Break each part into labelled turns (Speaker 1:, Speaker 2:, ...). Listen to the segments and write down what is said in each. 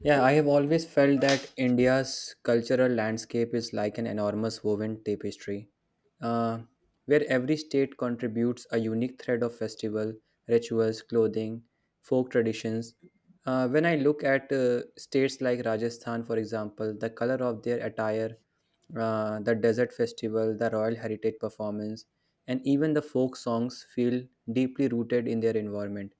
Speaker 1: Yeah, I have always felt that India's cultural landscape is like an enormous woven tapestry, uh, where every state contributes a unique thread of festival, rituals, clothing, folk traditions. When I look at states like Rajasthan, for example, the color of their attire, the desert festival, the royal heritage performance, and even the folk songs feel deeply rooted in their environment.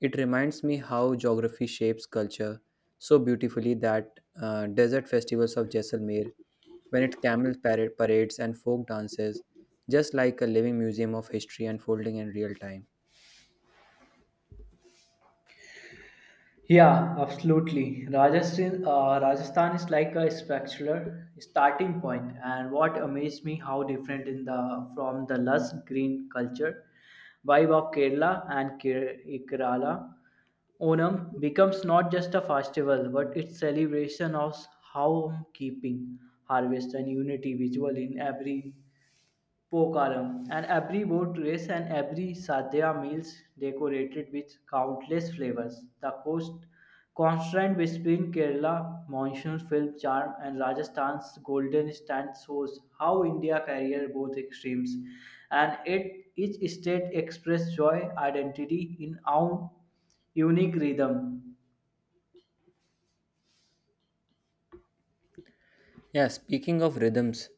Speaker 1: It reminds me how geography shapes culture so beautifully that desert festivals of Jaisalmer, when it parades and folk dances, just like a living museum of history unfolding in real time.
Speaker 2: Yeah, absolutely. Rajasthan is like a spectacular starting point, and what amazed me how different in the from the lush green culture vibe of Kerala and Kerala. Onam becomes not just a festival, but its celebration of home keeping, harvest, and unity visual in every Pokaram, and every boat race and every sadhya meals decorated with countless flavors. The coast constant between Kerala monsoon film charm and Rajasthan's golden stand shows how India carries both extremes, and it each state express joy identity in own unique rhythm.
Speaker 1: Yeah, speaking of rhythms,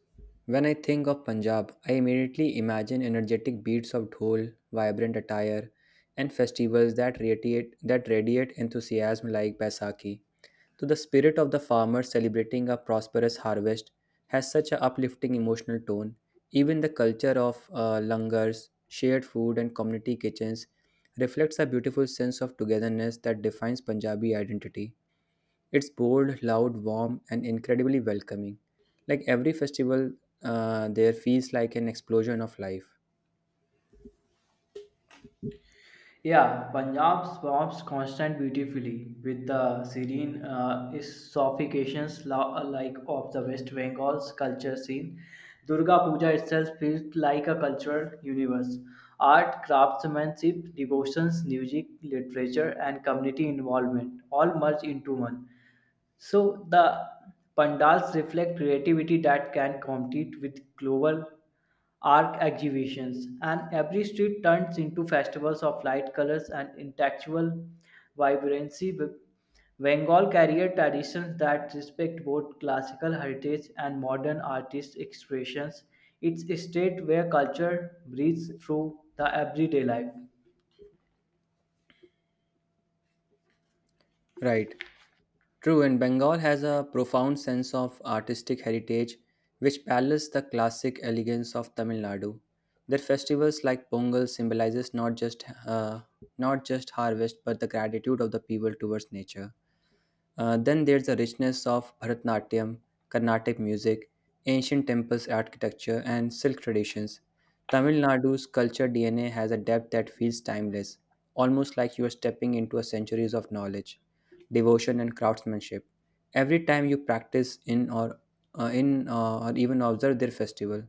Speaker 1: when I think of Punjab, I immediately imagine energetic beats of dhol, vibrant attire, and festivals that radiate enthusiasm like Baisakhi. To the spirit of the farmer celebrating a prosperous harvest has such an uplifting emotional tone. Even the culture of langars, shared food, and community kitchens reflects a beautiful sense of togetherness that defines Punjabi identity. It's bold, loud, warm, and incredibly welcoming. Like every festival, there feels like an explosion of life.
Speaker 2: Yeah, Punjab swarms constant beautifully with the serene sophistications like of the West Bengal's culture scene. Durga Puja itself feels like a cultural universe. Art, craftsmanship, devotions, music, literature, and community involvement all merge into one. So the pandals reflect creativity that can compete with global art exhibitions, and every street turns into festivals of light colors and intellectual vibrancy. Bengal carrier traditions that respect both classical heritage and modern artist expressions. It's a state where culture breathes through the everyday life.
Speaker 1: Right. True, and Bengal has a profound sense of artistic heritage which parallels the classic elegance of Tamil Nadu. Their festivals like Pongal symbolizes not just harvest but the gratitude of the people towards nature. Then there's the richness of Bharatanatyam, Carnatic music, ancient temples architecture, and silk traditions. Tamil Nadu's culture DNA has a depth that feels timeless, almost like you are stepping into a centuries of knowledge, devotion, and craftsmanship. Every time you practice in or even observe their festival.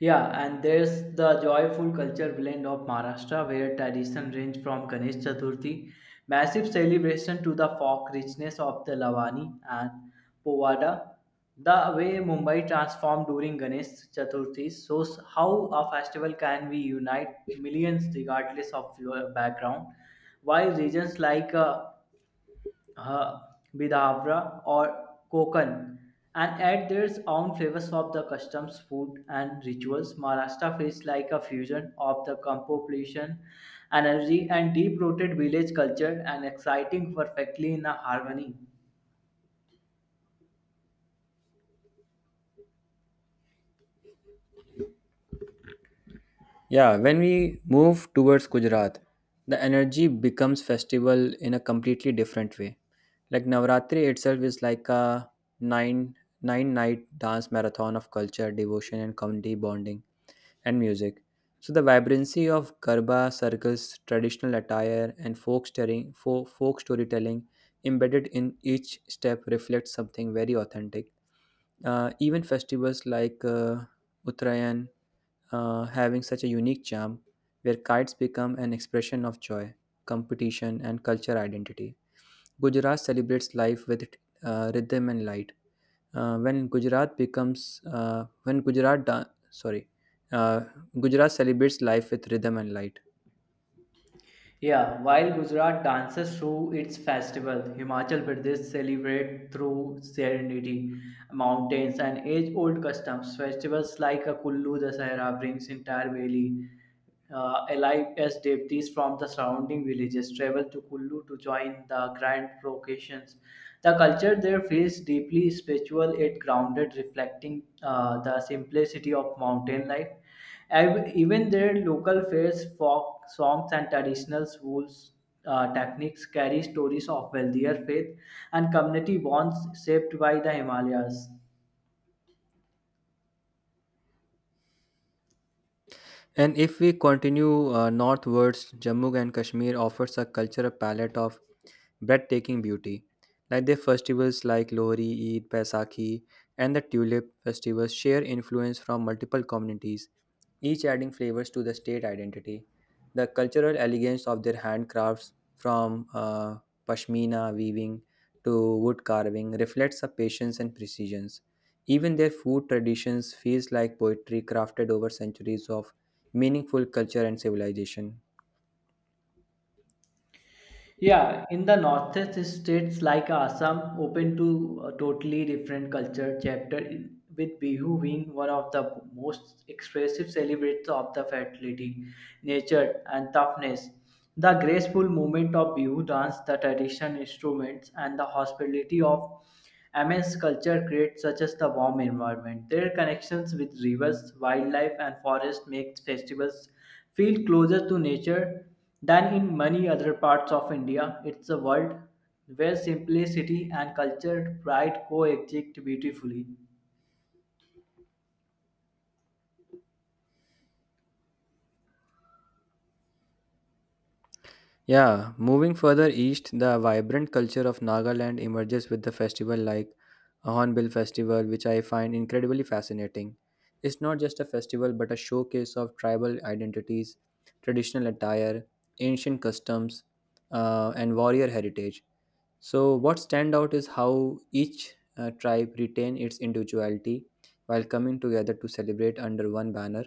Speaker 2: Yeah, and there's the joyful culture blend of Maharashtra where tradition range from Ganesh Chaturthi, massive celebration to the folk richness of the Lavani and Povada. The way Mumbai transformed during Ganesh Chaturthi shows how a festival can be unite millions regardless of your background. While regions like uh, Bidavra or Kokan and add their own flavors of the customs, food, and rituals. Maharashtra feels like a fusion of the compopulation, energy, and deep rooted village culture, and exciting perfectly in a harmony.
Speaker 1: Yeah, when we move towards Gujarat, the energy becomes festival in a completely different way. Like Navratri itself is like a nine nine night dance marathon of culture, devotion, and community bonding and music. So the vibrancy of garba circles, traditional attire, and folk storytelling embedded in each step reflects something very authentic. Even festivals like Uttarayan having such a unique charm, where kites become an expression of joy, competition, and culture identity. Gujarat celebrates life with rhythm and light. When Gujarat becomes when Gujarat da- sorry, uh, Gujarat celebrates life with rhythm and light.
Speaker 2: Yeah, while Gujarat dances through its festival, Himachal Pradesh celebrates through serenity, mountains, and age-old customs. Festivals like a Kullu Dasahara brings entire valley alive as devotees from the surrounding villages travel to Kullu to join the grand processions. The culture there feels deeply spiritual, yet grounded, reflecting the simplicity of mountain life. Even their local fairs, folk songs, and traditional schools techniques carry stories of wealthier faith and community bonds shaped by the Himalayas.
Speaker 1: And if we continue northwards, Jammu and Kashmir offers a cultural palette of breathtaking beauty. Like their festivals like Lohri, Eid, Baisakhi, and the Tulip festivals share influence from multiple communities each adding flavors to the state identity. The cultural elegance of their handcrafts, from pashmina weaving to wood carving, reflects a patience and precision. Even their food traditions feels like poetry crafted over centuries of meaningful culture and civilization.
Speaker 2: Yeah, in the northeast states like Assam, open to a totally different culture chapter with Bihu being one of the most expressive celebrates of the fertility, nature, and toughness. The graceful movement of Bihu dance, the traditional instruments, and the hospitality of Amazon's culture creates such as the warm environment. Their connections with rivers, wildlife, and forests make festivals feel closer to nature than in many other parts of India. It's a world where simplicity and culture pride coexist beautifully.
Speaker 1: Yeah, moving further east, the vibrant culture of Nagaland emerges with the festival like a Hornbill Festival, which I find incredibly fascinating. It's not just a festival but a showcase of tribal identities, traditional attire, ancient customs, and warrior heritage. So, what stand out is how each tribe retain its individuality while coming together to celebrate under one banner.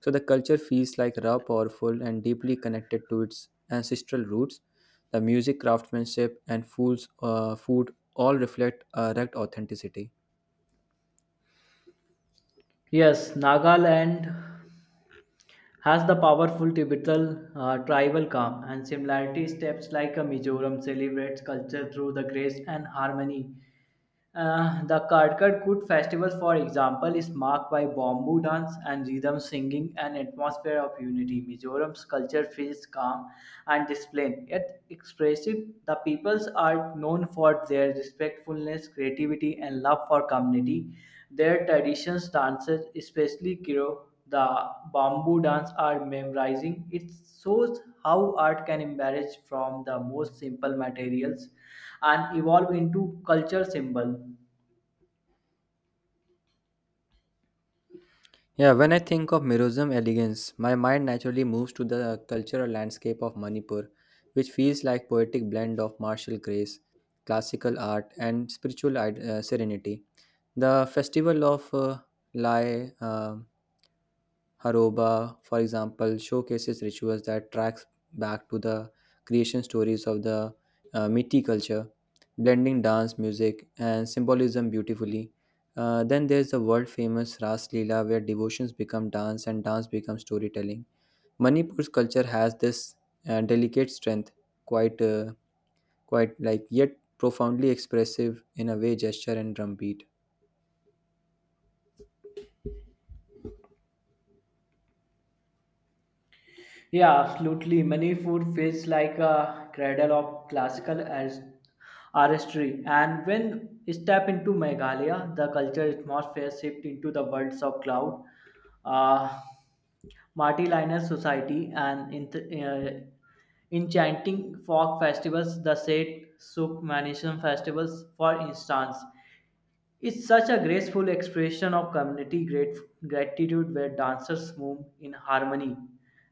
Speaker 1: So, the culture feels like raw, powerful, and deeply connected to its ancestral roots the music, craftsmanship, and food all reflect erect authenticity.
Speaker 2: Yes, Nagaland has the powerful Tibetal tribal calm and similarity steps like a Mizoram celebrates culture through the grace and harmony. The Karkar Kut festival, for example, is marked by bamboo dance and rhythm singing and atmosphere of unity. Mizoram's culture feels calm and disciplined, yet expressive. The peoples are known for their respectfulness, creativity, and love for community. Their traditions, dances, especially Kiro, the bamboo dance are memorizing. It shows how art can emerge from the most simple materials and evolve into culture symbol.
Speaker 1: Yeah, when I think of Mirozam elegance, my mind naturally moves to the cultural landscape of Manipur, which feels like poetic blend of martial grace, classical art, and serenity. The festival of Lai Haroba, for example, showcases rituals that tracks back to the creation stories of the Metis culture, blending dance, music, and symbolism beautifully. Then there's the world famous Ras Leela, where devotions become dance and dance becomes storytelling. Manipur's culture has this delicate strength, quite, uh, quite like yet profoundly expressive in a way, gesture and drumbeat.
Speaker 2: Yeah, absolutely. Manipur feels like a cradle of classical as artistry, and when you step into Meghalaya, the culture atmosphere shift into the worlds of cloud. Uh, Marty Linus Society, and in enchanting folk festivals, the Set Soup Manation Festivals, for instance. It's such a graceful expression of community gratitude where dancers move in harmony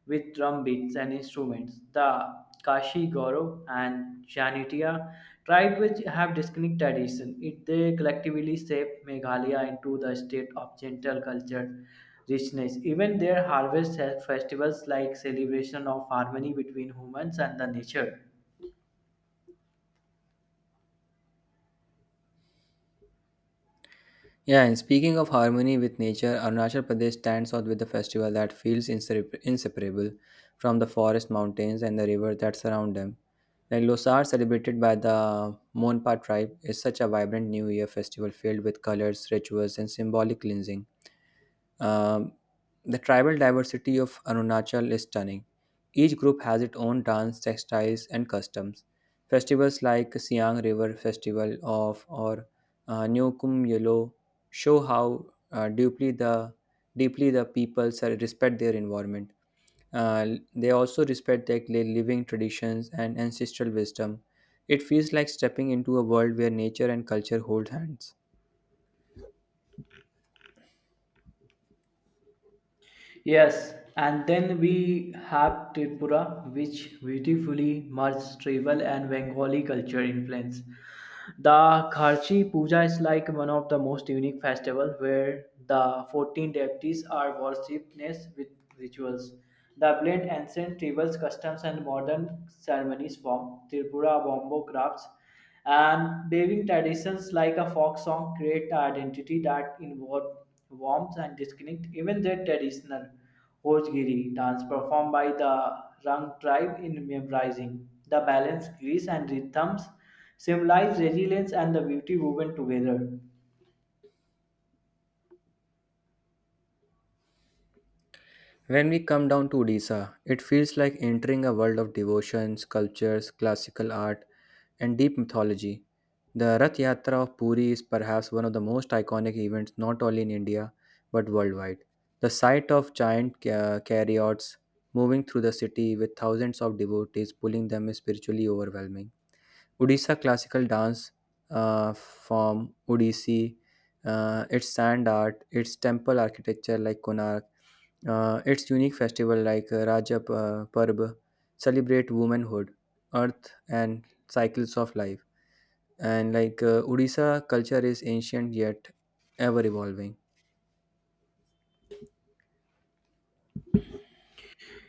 Speaker 2: with drum beats and instruments. The Kashi Goro and Janitia tribe, which have distinct tradition, it, they collectively shape Meghalaya into the state of gentle culture richness. Even their harvest has festivals like celebration of harmony between humans and the nature.
Speaker 1: Yeah, and speaking of harmony with nature, Arunachal Pradesh stands out with a festival that feels inseparable from the forest, mountains, and the river that surround them. Like Losar, celebrated by the Monpa tribe, is such a vibrant New Year festival filled with colors, rituals, and symbolic cleansing. Um, the tribal diversity of Arunachal is stunning. Each group has its own dance, textiles, and customs. Festivals like Siang River Festival of or Nyokum Yolo show how uh, deeply the deeply the peoples are- respect their environment. Uh, they also respect their living traditions and ancestral wisdom. It feels like stepping into a world where nature and culture hold hands.
Speaker 2: Yes, and then we have Tripura, which beautifully merges tribal and Bengali culture influence. The Kharchi Puja is like one of the most unique festivals where the 14 deities are worshipped with rituals. The blend ancient tribal customs and modern ceremonies form Tripura Bombo crafts and weaving traditions like a folk song create an identity that involve warmth and disconnect even their traditional Hojgiri dance performed by the Rang tribe in memorizing. The balance, grace and rhythms symbolize resilience and the beauty woven together.
Speaker 1: When we come down to Odisha, it feels like entering a world of devotions, sculptures, classical art, and deep mythology. The Rath Yatra of Puri is perhaps one of the most iconic events not only in India but worldwide. The sight of chariots moving through the city with thousands of devotees pulling them is spiritually overwhelming. Odisha classical dance uh, form, Odissi, its sand art, its temple architecture like Konark, its unique festival like Rajab Parb celebrate womanhood, earth, and cycles of life. And like Odisha culture is ancient yet ever evolving.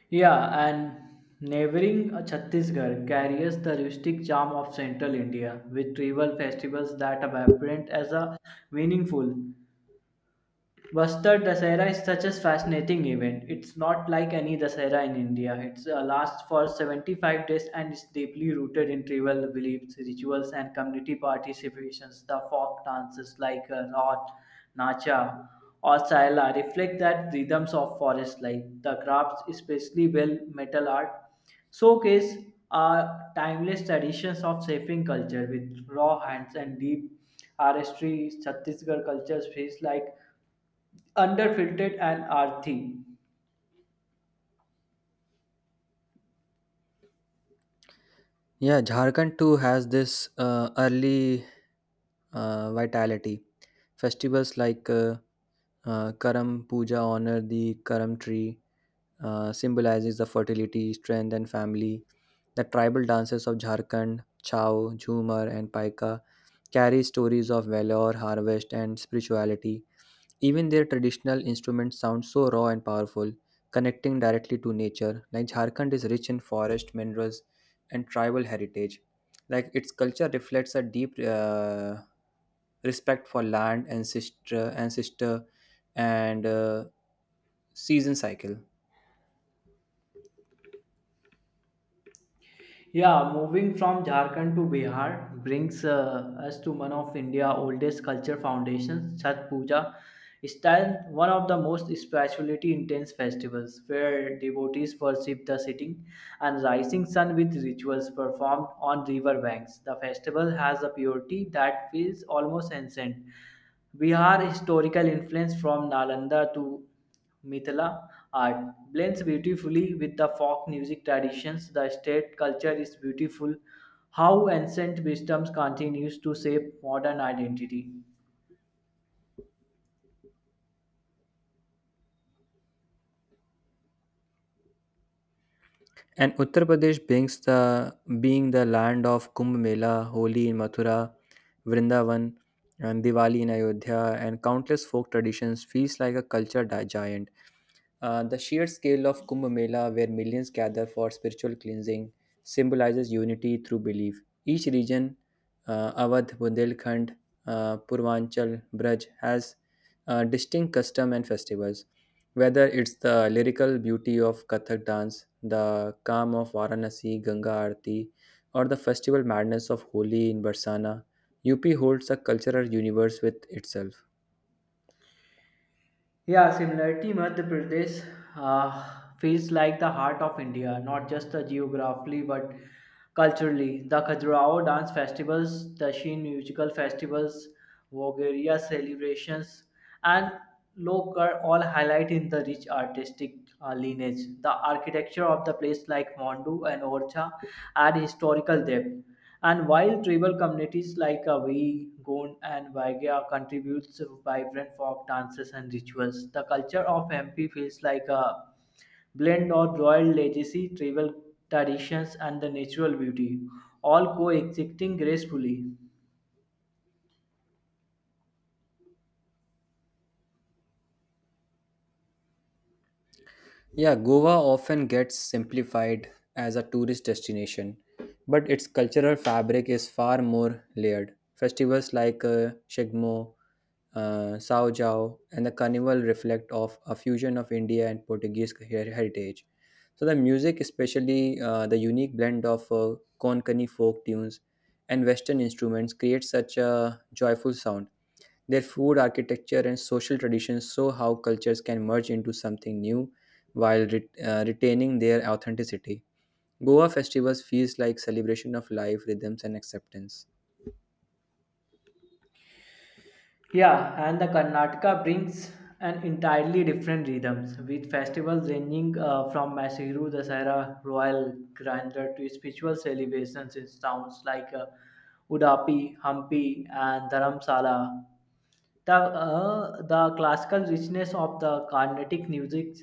Speaker 2: Yeah, and neighboring Chhattisgarh carries the rustic charm of central India with tribal festivals that are apparent as a meaningful Vastar Dasera is such a fascinating event. It's not like any Dasera in India. It lasts for 75 days and is deeply rooted in tribal beliefs, rituals, and community participations. The folk dances like Lot, Nacha, or Saila reflect that rhythms of forest life. The crafts, especially well metal art, showcase are timeless traditions of shaping culture with raw hands and deep artistry. Chhattisgarh cultures feels like underfiltered and earthy.
Speaker 1: Yeah, Jharkhand too has this early vitality. Festivals like Karam Puja honor the Karam tree, symbolizes the fertility, strength, and family. The tribal dances of Jharkhand, Chao, Jhumar, and Paika carry stories of valor, harvest, and spirituality. Even their traditional instruments sound so raw and powerful, connecting directly to nature. Like Jharkhand is rich in forest, minerals, and tribal heritage. Like its culture reflects a deep respect for land, ancestor, and season cycle.
Speaker 2: Yeah, moving from Jharkhand to Bihar brings us to one of India's oldest culture foundations, Chhat Puja. Style one of the most spirituality intense festivals where devotees worship the setting and rising sun with rituals performed on river banks. The festival has a purity that feels almost ancient Bihar historical influence from Nalanda to Mithila art blends beautifully with the folk music traditions. The state culture is beautiful how ancient wisdoms continues to shape modern identity.
Speaker 1: And Uttar Pradesh brings the being the land of Kumbh Mela, Holi in Mathura, Vrindavan, and Diwali in Ayodhya, and countless folk traditions feels like a giant. The sheer scale of Kumbh Mela, where millions gather for spiritual cleansing, symbolizes unity through belief. Each region, Awadh, Bundelkhand, Purvanchal, Braj, has distinct custom and festivals. Whether it's the lyrical beauty of Kathak dance, the calm of Varanasi, Ganga Aarti, or the festival madness of Holi in Barsana, UP holds a cultural universe with itself.
Speaker 2: Yeah, similarity, Madhya Pradesh feels like the heart of India, not just geographically but culturally. The Khajuraho dance festivals, the Sheen musical festivals, Vogaria celebrations, and Lokar all highlight in the rich artistic lineage. The architecture of the place, like Mondu and Orcha, add historical depth. And while tribal communities like Awi, Gond, and Waigya contributes vibrant folk dances and rituals, the culture of MP feels like a blend of royal legacy, tribal traditions, and the natural beauty, all coexisting gracefully.
Speaker 1: Yeah, Goa often gets simplified as a tourist destination, but its cultural fabric is far more layered. Festivals like Shigmo, Sao Jao, and the Carnival reflect of a fusion of India and heritage. So the music, especially the unique blend of Konkani folk tunes and Western instruments, creates such a joyful sound. Their food, architecture, and social traditions show how cultures can merge into something new while retaining their authenticity. Goa festivals feels like celebration of life, rhythms, and acceptance.
Speaker 2: Yeah, and the Karnataka brings an entirely different rhythms with festivals ranging from Mashiru Dasara, Royal Grandeur to spiritual celebrations in towns like Udapi, Hampi, and Dharamsala. The classical richness of the Carnatic music,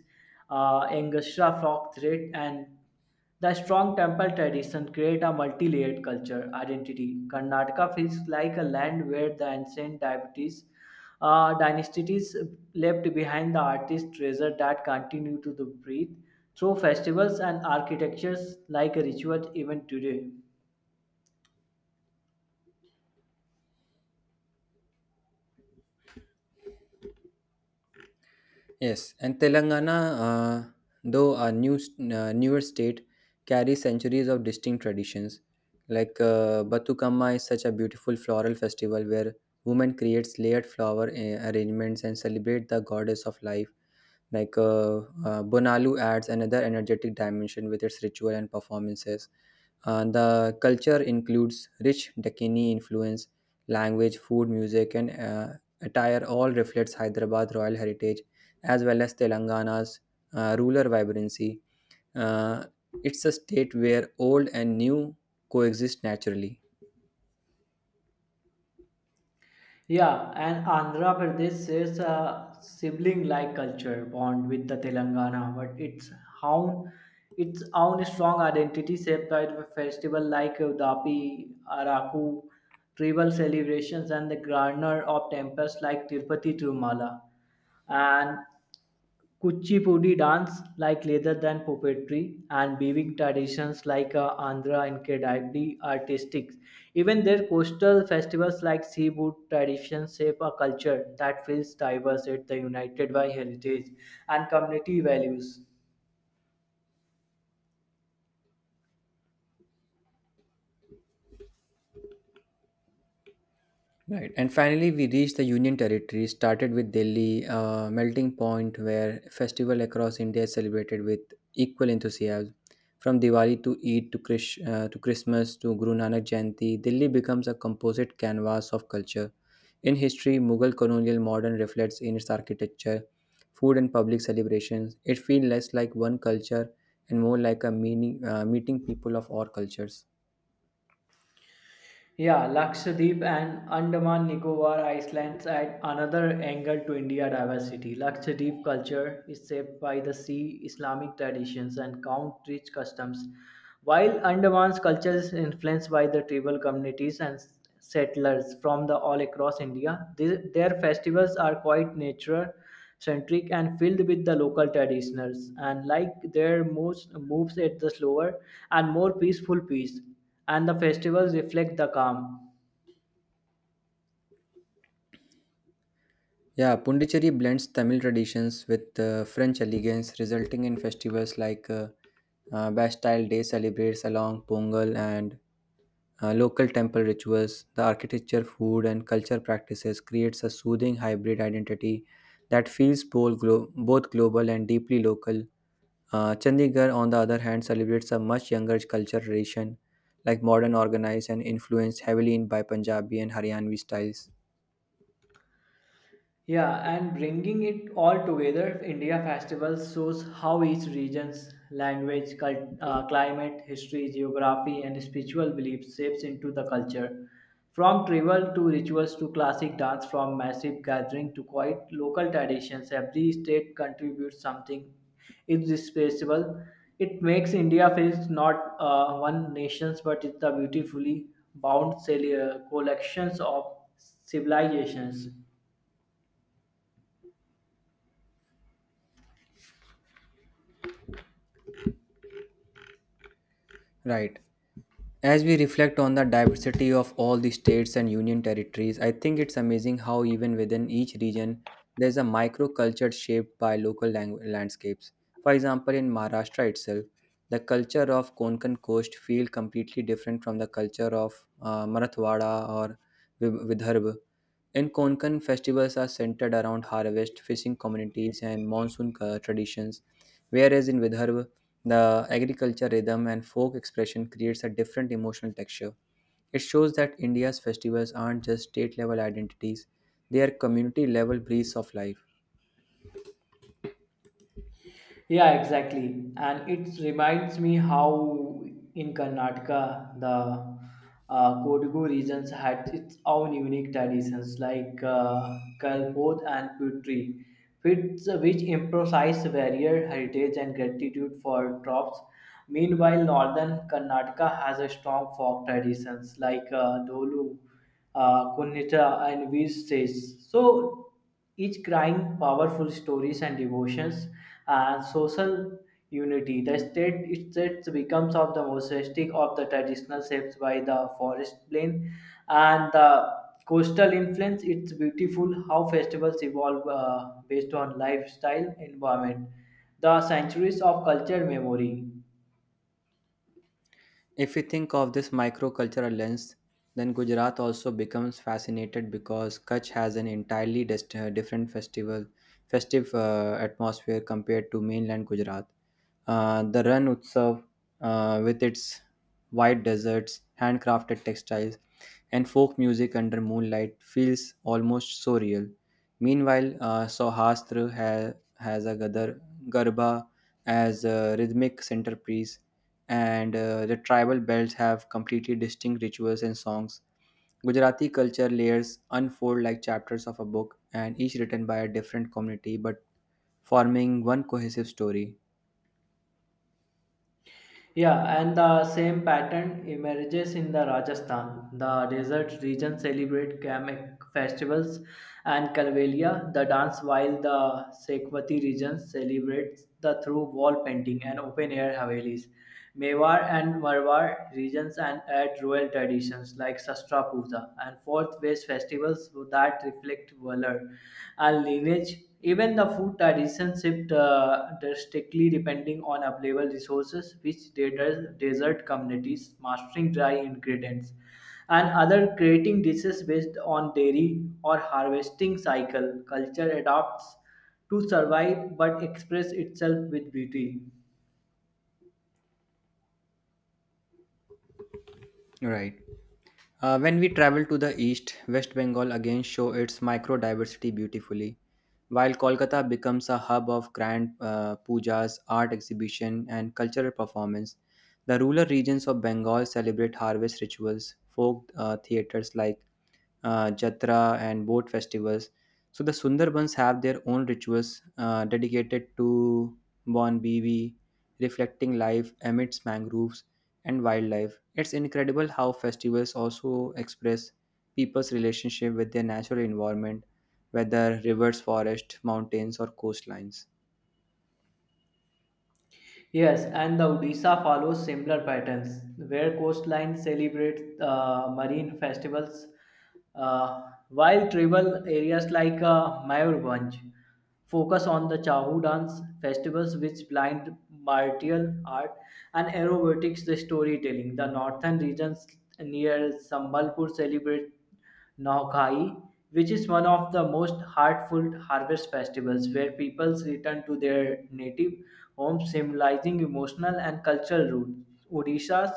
Speaker 2: orchestra folk thread, and the strong temple tradition create a multi-layered culture identity. Karnataka feels like a land where the ancient deities, dynasties left behind the artist treasure that continue to the breathe through festivals and architectures like a ritual even today.
Speaker 1: Yes, and Telangana, uh, though a newer state, carries centuries of distinct traditions. Like Batukamma is such a beautiful floral festival where women creates layered flower arrangements and celebrate the goddess of life. Like Bonalu adds another energetic dimension with its ritual and performances. The culture includes rich Dakini influence, language, food, music, and attire all reflects Hyderabad royal heritage as well as Telangana's rural vibrancy. Uh, it's a state where old and new coexist naturally.
Speaker 2: Yeah, and Andhra Pradesh shares a sibling-like culture bond with the Telangana, but own its own strong identity shaped by the festival like Udapi, Araku, tribal celebrations, and the garner of temples like Tirupati Tirumala. And Kuchipudi dance like leather than puppetry and weaving traditions like Andhra and Kedadi artistic. Even their coastal festivals like seafood traditions shape a culture that feels diverse at the united by heritage and community values.
Speaker 1: Right. And finally, we reached the Union Territory, started with Delhi, a melting point where festival across India is celebrated with equal enthusiasm. From Diwali to Eid to, to Christmas to Guru Nanak Jayanti, Delhi becomes a composite canvas of culture. In history, Mughal colonial modern reflects in its architecture, food, and public celebrations. It feels less like one culture and more like a meeting people of all cultures.
Speaker 2: Yeah, Lakshadweep and Andaman Nicobar Islands add another angle to India diversity. Lakshadweep culture is shaped by the sea, Islamic traditions, and country customs, while Andaman's culture is influenced by the tribal communities and settlers from the all across India. Their festivals are quite nature centric and filled with the local traditionals and like their moves at the slower and more peaceful pace and the festivals reflect the calm.
Speaker 1: Yeah, Pondicherry blends Tamil traditions with French elegance, resulting in festivals like Bastille Day celebrates along Pongal and local temple rituals. The architecture, food, and culture practices creates a soothing hybrid identity that feels both global and deeply local. Chandigarh, on the other hand, celebrates a much younger culture tradition, like modern, organized, and influenced heavily in by Punjabi and Haryanvi styles.
Speaker 2: Yeah, and bringing it all together, India Festival shows how each region's language, climate, history, geography, and spiritual beliefs shapes into the culture. From tribal to rituals to classic dance, from massive gathering to quiet local traditions, every state contributes something irreplaceable. It makes India feel not one nations, but it's the beautifully bound collections of civilizations.
Speaker 1: Right. As we reflect on the diversity of all the states and union territories, I think it's amazing how even within each region there's a microculture shaped by local landscapes. For example, in Maharashtra itself, the culture of Konkan coast feel completely different from the culture of Marathwada or Vidarbha. In Konkan, festivals are centered around harvest, fishing communities, and monsoon traditions, whereas in Vidarbha, the agriculture rhythm and folk expression creates a different emotional texture. It shows that India's festivals aren't just state level identities, they are community level breaths of life.
Speaker 2: Yeah, exactly. And it reminds me how in Karnataka, the Kodagu regions had its own unique traditions like Kalpod and Putri, which emphasize varied heritage and gratitude for crops. Meanwhile, northern Karnataka has a strong folk traditions like Dolu, Kunnitra, and Vistes. So each crying powerful stories and devotions and social unity. The state itself becomes of the mosaistic of the traditional shapes by the forest plain and the coastal influence. It's beautiful how festivals evolve based on lifestyle environment, the centuries of culture memory.
Speaker 1: If we think of this microcultural lens, then Gujarat also becomes fascinated because Kutch has an entirely different festive atmosphere compared to mainland Gujarat. The Ran Utsav, with its wide deserts, handcrafted textiles, and folk music under moonlight, feels almost so real. Meanwhile, has a gadar, garba as a rhythmic centerpiece and the tribal belts have completely distinct rituals and songs. Gujarati culture layers unfold like chapters of a book, and each written by a different community but forming one cohesive story.
Speaker 2: Yeah, and the same pattern emerges in the Rajasthan. The desert region celebrate Kamek festivals and Kalvelia, the dance, while the Sekwati region celebrates the through wall painting and open air havelis. Mewar and Marwar regions and add royal traditions like Sastra Puja and fourth ways festivals that reflect valor and lineage. Even the food traditions shift drastically depending on available resources, which desert communities mastering dry ingredients and other creating dishes based on dairy or harvesting cycle. Culture adapts to survive but express itself with beauty.
Speaker 1: Right. When we travel to the east, West Bengal again show its micro diversity beautifully. While Kolkata becomes a hub of grand pujas, art exhibition, and cultural performance, the rural regions of Bengal celebrate harvest rituals, folk theaters like Jatra, and boat festivals. So the Sundarbans have their own rituals dedicated to Bon Bibi, reflecting life amidst mangroves and wildlife. It's incredible how festivals also express people's relationship with their natural environment, whether rivers, forests, mountains, or coastlines.
Speaker 2: Yes, and the Odisha follows similar patterns where coastline celebrates marine festivals, uh, while tribal areas like Mayurbanj focus on the Chahu dance festivals, which blind martial art and aerobatics the storytelling. The northern regions near Sambalpur celebrate Nogai, which is one of the most heartfelt harvest festivals where peoples return to their native homes, symbolizing emotional and cultural roots. Odisha's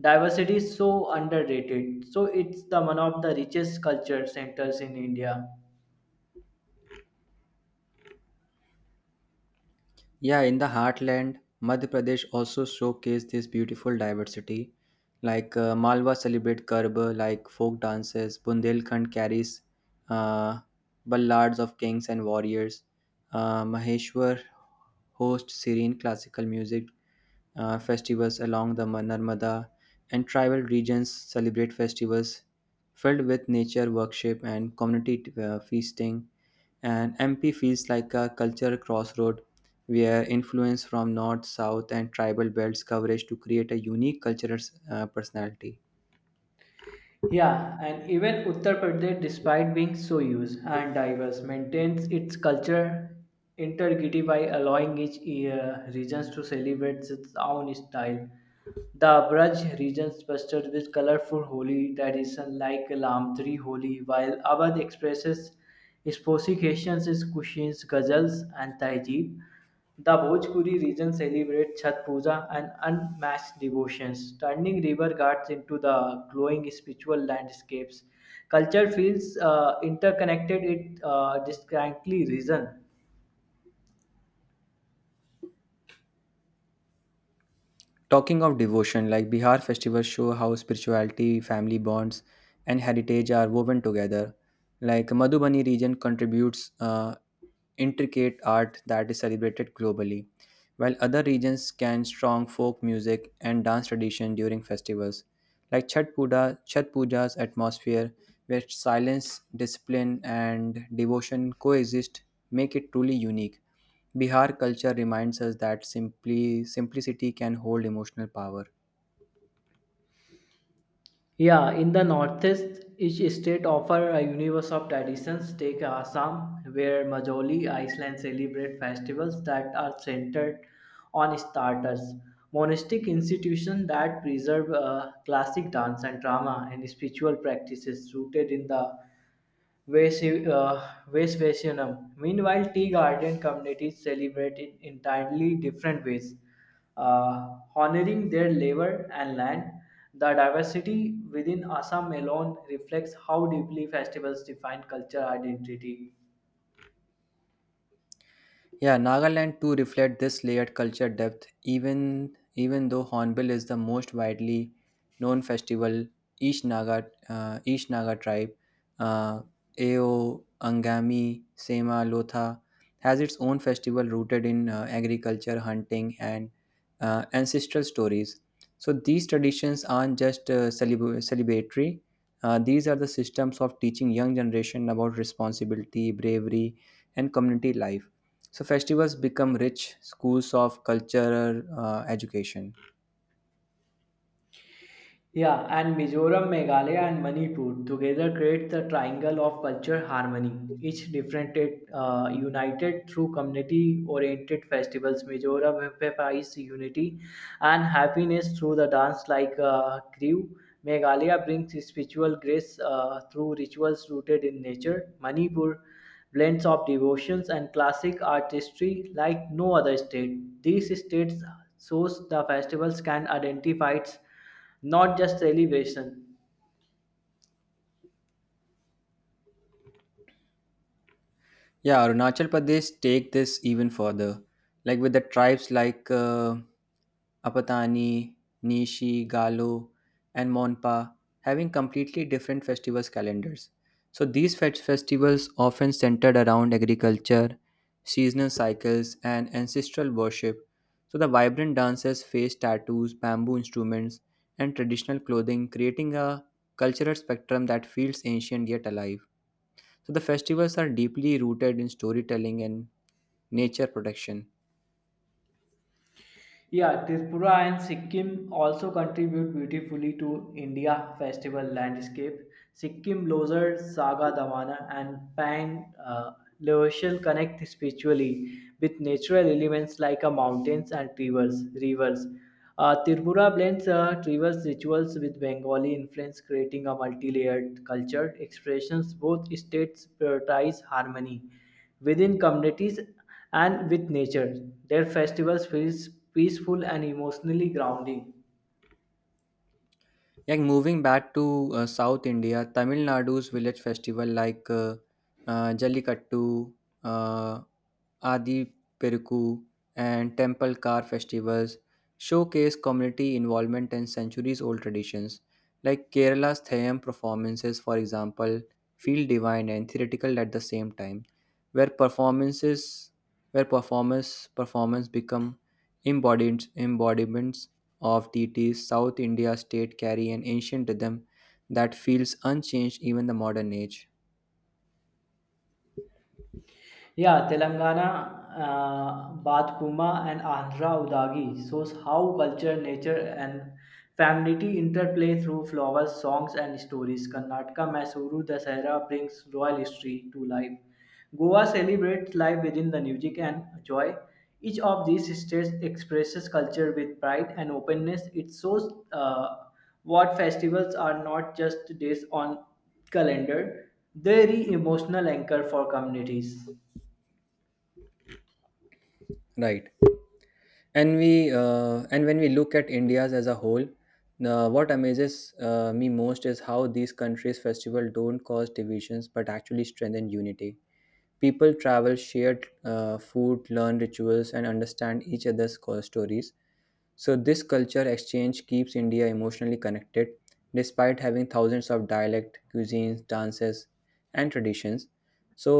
Speaker 2: diversity is so underrated, so it's the one of the richest culture centers in India.
Speaker 1: Yeah, in the heartland, Madhya Pradesh also showcased this beautiful diversity. Like Malwa celebrate Garba, like folk dances. Bundelkhand carries uh, ballads of kings and warriors. Maheshwar hosts serene classical music festivals along the Narmada, and tribal regions celebrate festivals filled with nature worship and community feasting, and MP feels like a cultural crossroad where influence from north, south, and tribal belts coverage to create a unique cultural personality.
Speaker 2: Yeah, and even Uttar Pradesh, despite being so huge and diverse, maintains its culture integrity by allowing each regions to celebrate its own style. The Braj region pestered with colorful Holi tradition like Lamtri Holi, while Awadh expresses Specifications is cuisines, ghazals, and tahjeeb. The Bhojpuri region celebrates Chhat Puja and unmatched devotions, turning river ghats into the glowing spiritual landscapes. Culture feels interconnected; it distinctly region.
Speaker 1: Talking of devotion, like Bihar festivals show how spirituality, family bonds, and heritage are woven together. Like Madhubani region contributes intricate art that is celebrated globally, while other regions can strong folk music and dance tradition during festivals. Like Chhat Puja, Chhat Puja's atmosphere, where silence, discipline, and devotion coexist, make it truly unique. Bihar culture reminds us that simply simplicity can hold emotional power.
Speaker 2: Yeah, in the Northeast, each state offers a universe of traditions. Take Assam, where Majoli Island celebrate festivals that are centered on starters, monastic institutions that preserve classic dance and drama, and spiritual practices rooted in the Westvacianum. Meanwhile, tea garden communities celebrate in entirely different ways, honoring their labor and land. The diversity within Assam alone reflects how deeply festivals define cultural identity.
Speaker 1: Yeah, Nagaland too reflect this layered culture depth. Even though Hornbill is the most widely known festival, each Naga tribe, uh, Ao, Angami, Sema, Lotha, has its own festival rooted in agriculture, hunting, and ancestral stories. So these traditions aren't just celebratory. These are the systems of teaching young generation about responsibility, bravery, and community life. So festivals become rich schools of cultural education.
Speaker 2: Yeah, and Mizoram, Meghalaya, and Manipur together create the triangle of culture harmony. Each different it, united through community-oriented festivals. Mizoram emphasizes unity and happiness through the dance like Kriu. Meghalaya brings spiritual grace through rituals rooted in nature. Manipur blends of devotions and classic artistry like no other state. These states shows the festivals can identify not just elevation.
Speaker 1: Yeah, Arunachal Pradesh take this even further, like with the tribes like Apatani, Nishi, Galo, and Monpa having completely different festivals calendars. So these festivals often centered around agriculture, seasonal cycles, and ancestral worship. So the vibrant dances, face tattoos, bamboo instruments, and traditional clothing, creating a cultural spectrum that feels ancient yet alive. So the festivals are deeply rooted in storytelling and nature protection.
Speaker 2: Yeah, Tripura and Sikkim also contribute beautifully to India festival landscape. Sikkim Losar Saga Davana, and Pang Leotial connect spiritually with natural elements like mountains and rivers. Tripura blends tribal rituals with Bengali influence, creating a multi-layered culture expressions. Both states prioritize harmony within communities and with nature. Their festivals feels peaceful and emotionally grounding.
Speaker 1: Like moving back to South India, Tamil Nadu's village festival like Jallikattu, uh, Adi Peruku, and temple car festivals showcase community involvement and centuries old traditions. Like Kerala's Thayam performances, for example, feel divine and theatrical at the same time, where performances where performance become embodied embodiments of deities. South India state carry an ancient rhythm that feels unchanged even the modern age.
Speaker 2: Yeah, Telangana, Batkuma, and Andhra Udagi shows how culture, nature, and femininity interplay through flowers, songs, and stories. Karnataka, Mysuru, Dasahara brings royal history to life. Goa celebrates life within the music and joy. Each of these states expresses culture with pride and openness. It shows what festivals are not just days on calendar; they are emotional anchor for communities.
Speaker 1: Right. And when we look at india's as a whole what amazes me most is how these countries festival don't cause divisions but actually strengthen unity, people travel, share food, learn rituals, and understand each other's stories. So this culture exchange keeps india emotionally connected despite having thousands of dialect cuisines, dances, and traditions. So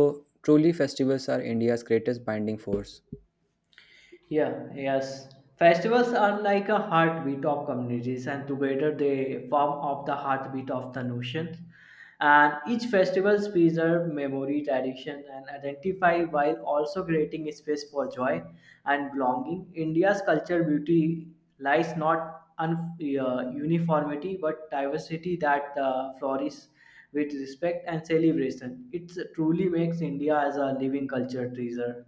Speaker 1: truly festivals are india's greatest binding force.
Speaker 2: Yeah, yes. Festivals are like a heartbeat of communities, and together they form of the heartbeat of the nation. And each festival preserve memory, tradition, and identify while also creating space for joy and belonging. India's culture beauty lies not uniformity but diversity that flourishes with respect and celebration. It truly makes India as a living culture treasure.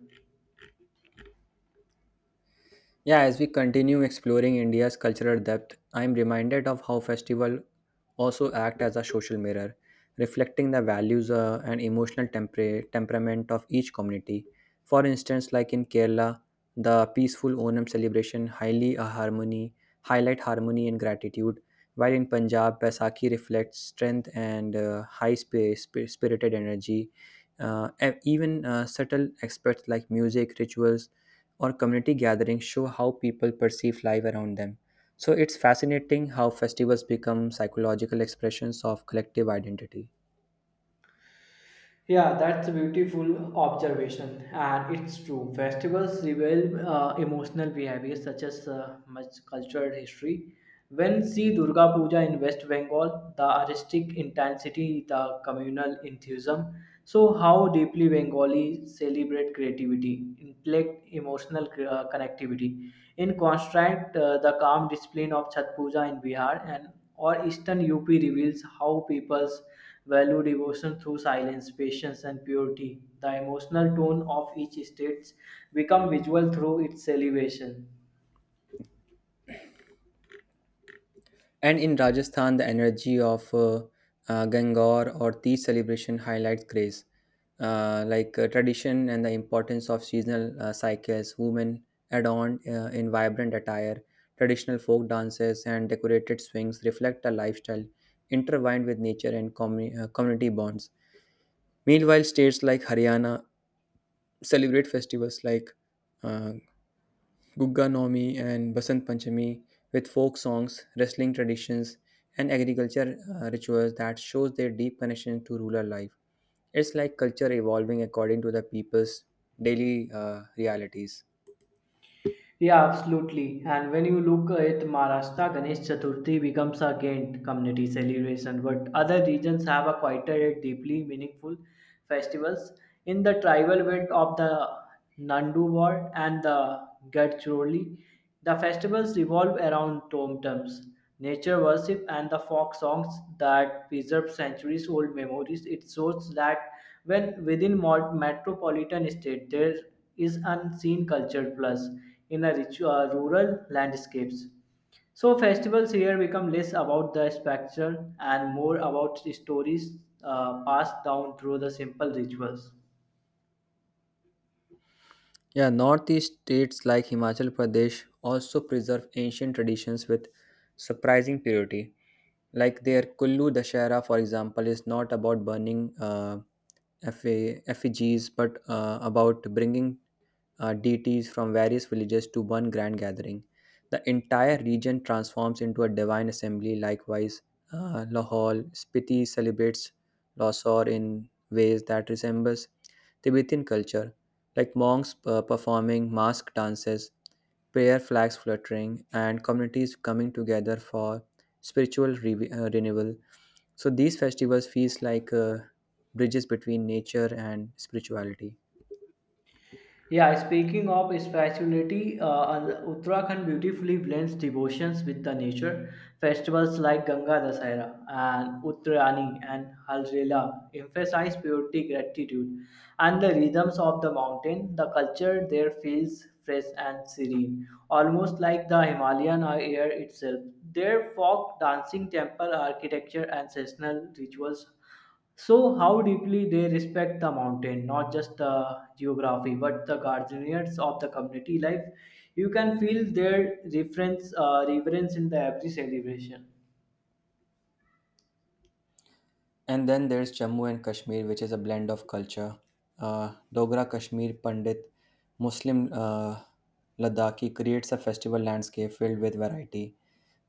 Speaker 1: Yeah, as we continue exploring India's cultural depth, I am reminded of how festivals also act as a social mirror, reflecting the values and emotional temperament of each community. For instance, like in Kerala, the peaceful Onam celebration highlight harmony and gratitude, while in Punjab, Baisakhi reflects strength and high spirited energy. And even subtle aspects like music, rituals, or community gatherings show how people perceive life around them. So it's fascinating how festivals become psychological expressions of collective identity.
Speaker 2: Yeah, that's a beautiful observation, and it's true. Festivals reveal emotional behaviors such as much cultural history. When see Durga Puja in West Bengal, the artistic intensity, the communal enthusiasm, so how deeply Bengali celebrate creativity, intellect, emotional connectivity. In contrast, the calm discipline of Chhat Puja in Bihar and or Eastern UP reveals how peoples value devotion through silence, patience, and purity. The emotional tone of each state become visual through its elevation.
Speaker 1: And in Rajasthan, the energy of Gangaur or Teej celebration highlights grace, tradition and the importance of seasonal cycles. Women adorned in vibrant attire, traditional folk dances, and decorated swings reflect a lifestyle intertwined with nature and community bonds. Meanwhile, states like Haryana celebrate festivals like uh, Gugga Naumi and Basant Panchami with folk songs, wrestling traditions, and agriculture rituals that shows their deep connection to rural life. It's like culture evolving according to the people's daily realities.
Speaker 2: Yeah, absolutely. And when you look at Maharashtra, Ganesh Chaturthi becomes a gained community celebration, but other regions have a quieter yet deeply meaningful festivals. In the tribal belt of the Nanduwar and the Gadchiroli, the festivals revolve around tomtems, nature worship, and the folk songs that preserve centuries old memories. It shows that when within metropolitan state there is unseen culture plus in a rural landscapes. So festivals here become less about the spectacle and more about the stories passed down through the simple rituals.
Speaker 1: Yeah, northeast states like Himachal Pradesh also preserve ancient traditions with surprising purity. Like their Kullu Dashera, for example, is not about burning effigies but about bringing deities from various villages to one grand gathering. The entire region transforms into a divine assembly. Likewise, Lahore Spiti celebrates Losor in ways that resembles Tibetan culture, like monks performing mask dances, prayer flags fluttering, and communities coming together for spiritual renewal. So these festivals feels like bridges between nature and spirituality.
Speaker 2: Yeah, speaking of spirituality, Uttarakhand beautifully blends devotions with the nature. Festivals like Ganga Dasahera and Uttarani and Halrela emphasize purity, gratitude, and the rhythms of the mountain. The culture there feels fresh and serene, almost like the Himalayan air itself. Their folk dancing, temple architecture, and seasonal rituals so, how deeply they respect the mountain, not just the geography, but the guardians of the community life. You can feel their reverence in the every celebration.
Speaker 1: And then there's Jammu and Kashmir, which is a blend of culture. Dogra Kashmir Pandit Muslim Ladakhi creates a festival landscape filled with variety.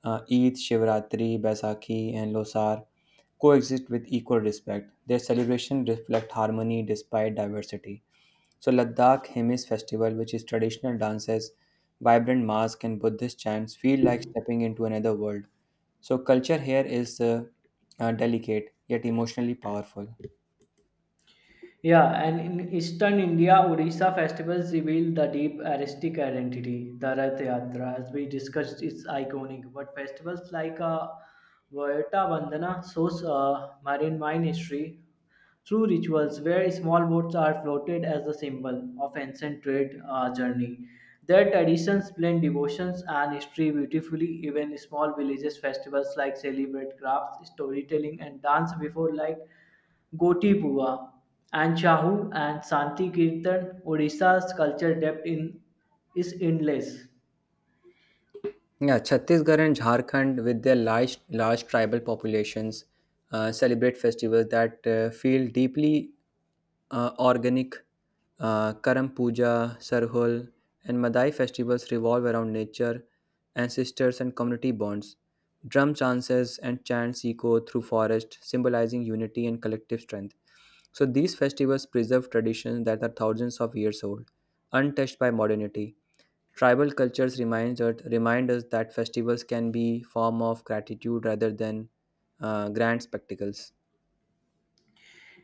Speaker 1: Eid, Shivratri, Baisakhi, and Losar coexist with equal respect. Their celebrations reflect harmony despite diversity. So, Ladakh Himis Festival, which is traditional dances, vibrant masks, and Buddhist chants, feel like stepping into another world. So, culture here is delicate yet emotionally powerful.
Speaker 2: Yeah, and in Eastern India, Odisha festivals reveal the deep artistic identity. The Rath Yatra, as we discussed, is iconic. But festivals like Vyota Vandana shows marine mine history, through rituals where small boats are floated as a symbol of ancient trade journey. Their traditions blend devotions and history beautifully. Even small villages festivals like celebrate crafts, storytelling, and dance before like Goti Pua and Chahu and Santi Kirtan. Odisha's culture depth in is endless.
Speaker 1: Yeah, Chhattisgarh and Jharkhand, with their large, large tribal populations, celebrate festivals that feel deeply organic. Karam Puja, Sarhul, and Madai festivals revolve around nature, ancestors, and community bonds. Drum chances and chants echo through forest, symbolizing unity and collective strength. So these festivals preserve traditions that are thousands of years old, untouched by modernity. Tribal cultures reminds us, remind us that festivals can be form of gratitude rather than grand spectacles.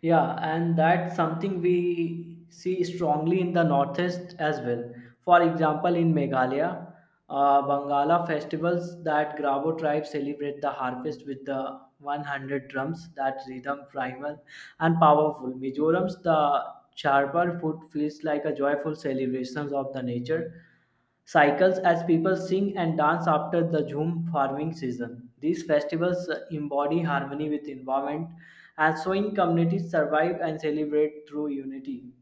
Speaker 2: Yeah, and that's something we see strongly in the Northeast as well. For example, in Meghalaya, Bangala festivals that Grabo tribe celebrate the harvest with the 100 drums, that rhythm primal and powerful. Mizoram's the charpar food feels like a joyful celebration of the nature cycles as people sing and dance after the Jhum farming season. These festivals embody harmony with environment and showing communities survive and celebrate through unity.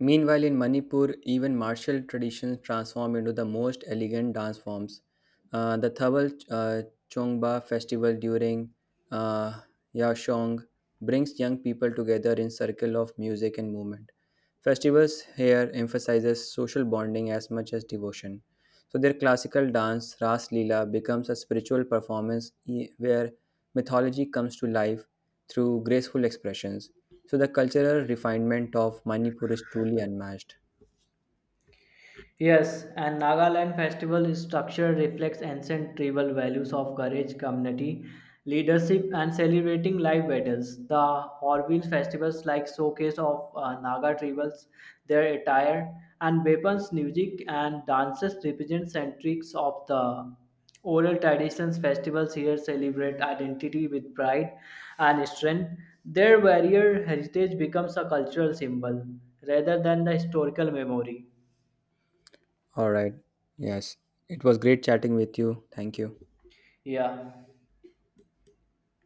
Speaker 1: Meanwhile, in Manipur, even martial traditions transform into the most elegant dance forms. The Thabal Chongba festival during uh, Yashong brings young people together in circle of music and movement. Festivals here emphasizes social bonding as much as devotion. So their classical dance, Ras Lila becomes a spiritual where mythology comes to life through graceful expressions. So the cultural refinement of Manipur is truly unmatched.
Speaker 2: Yes, and Nagaland festival structure reflects ancient tribal values of courage, community, leadership, and celebrating life battles. The Horville festivals like showcase of Naga tribals, their attire and weapons, music and dances represent centrics of the oral traditions. Festivals here celebrate identity with pride and strength. Their warrior heritage becomes a cultural symbol rather than the historical memory.
Speaker 1: All right. Yes. It was great chatting with you. Thank you.
Speaker 2: Yeah.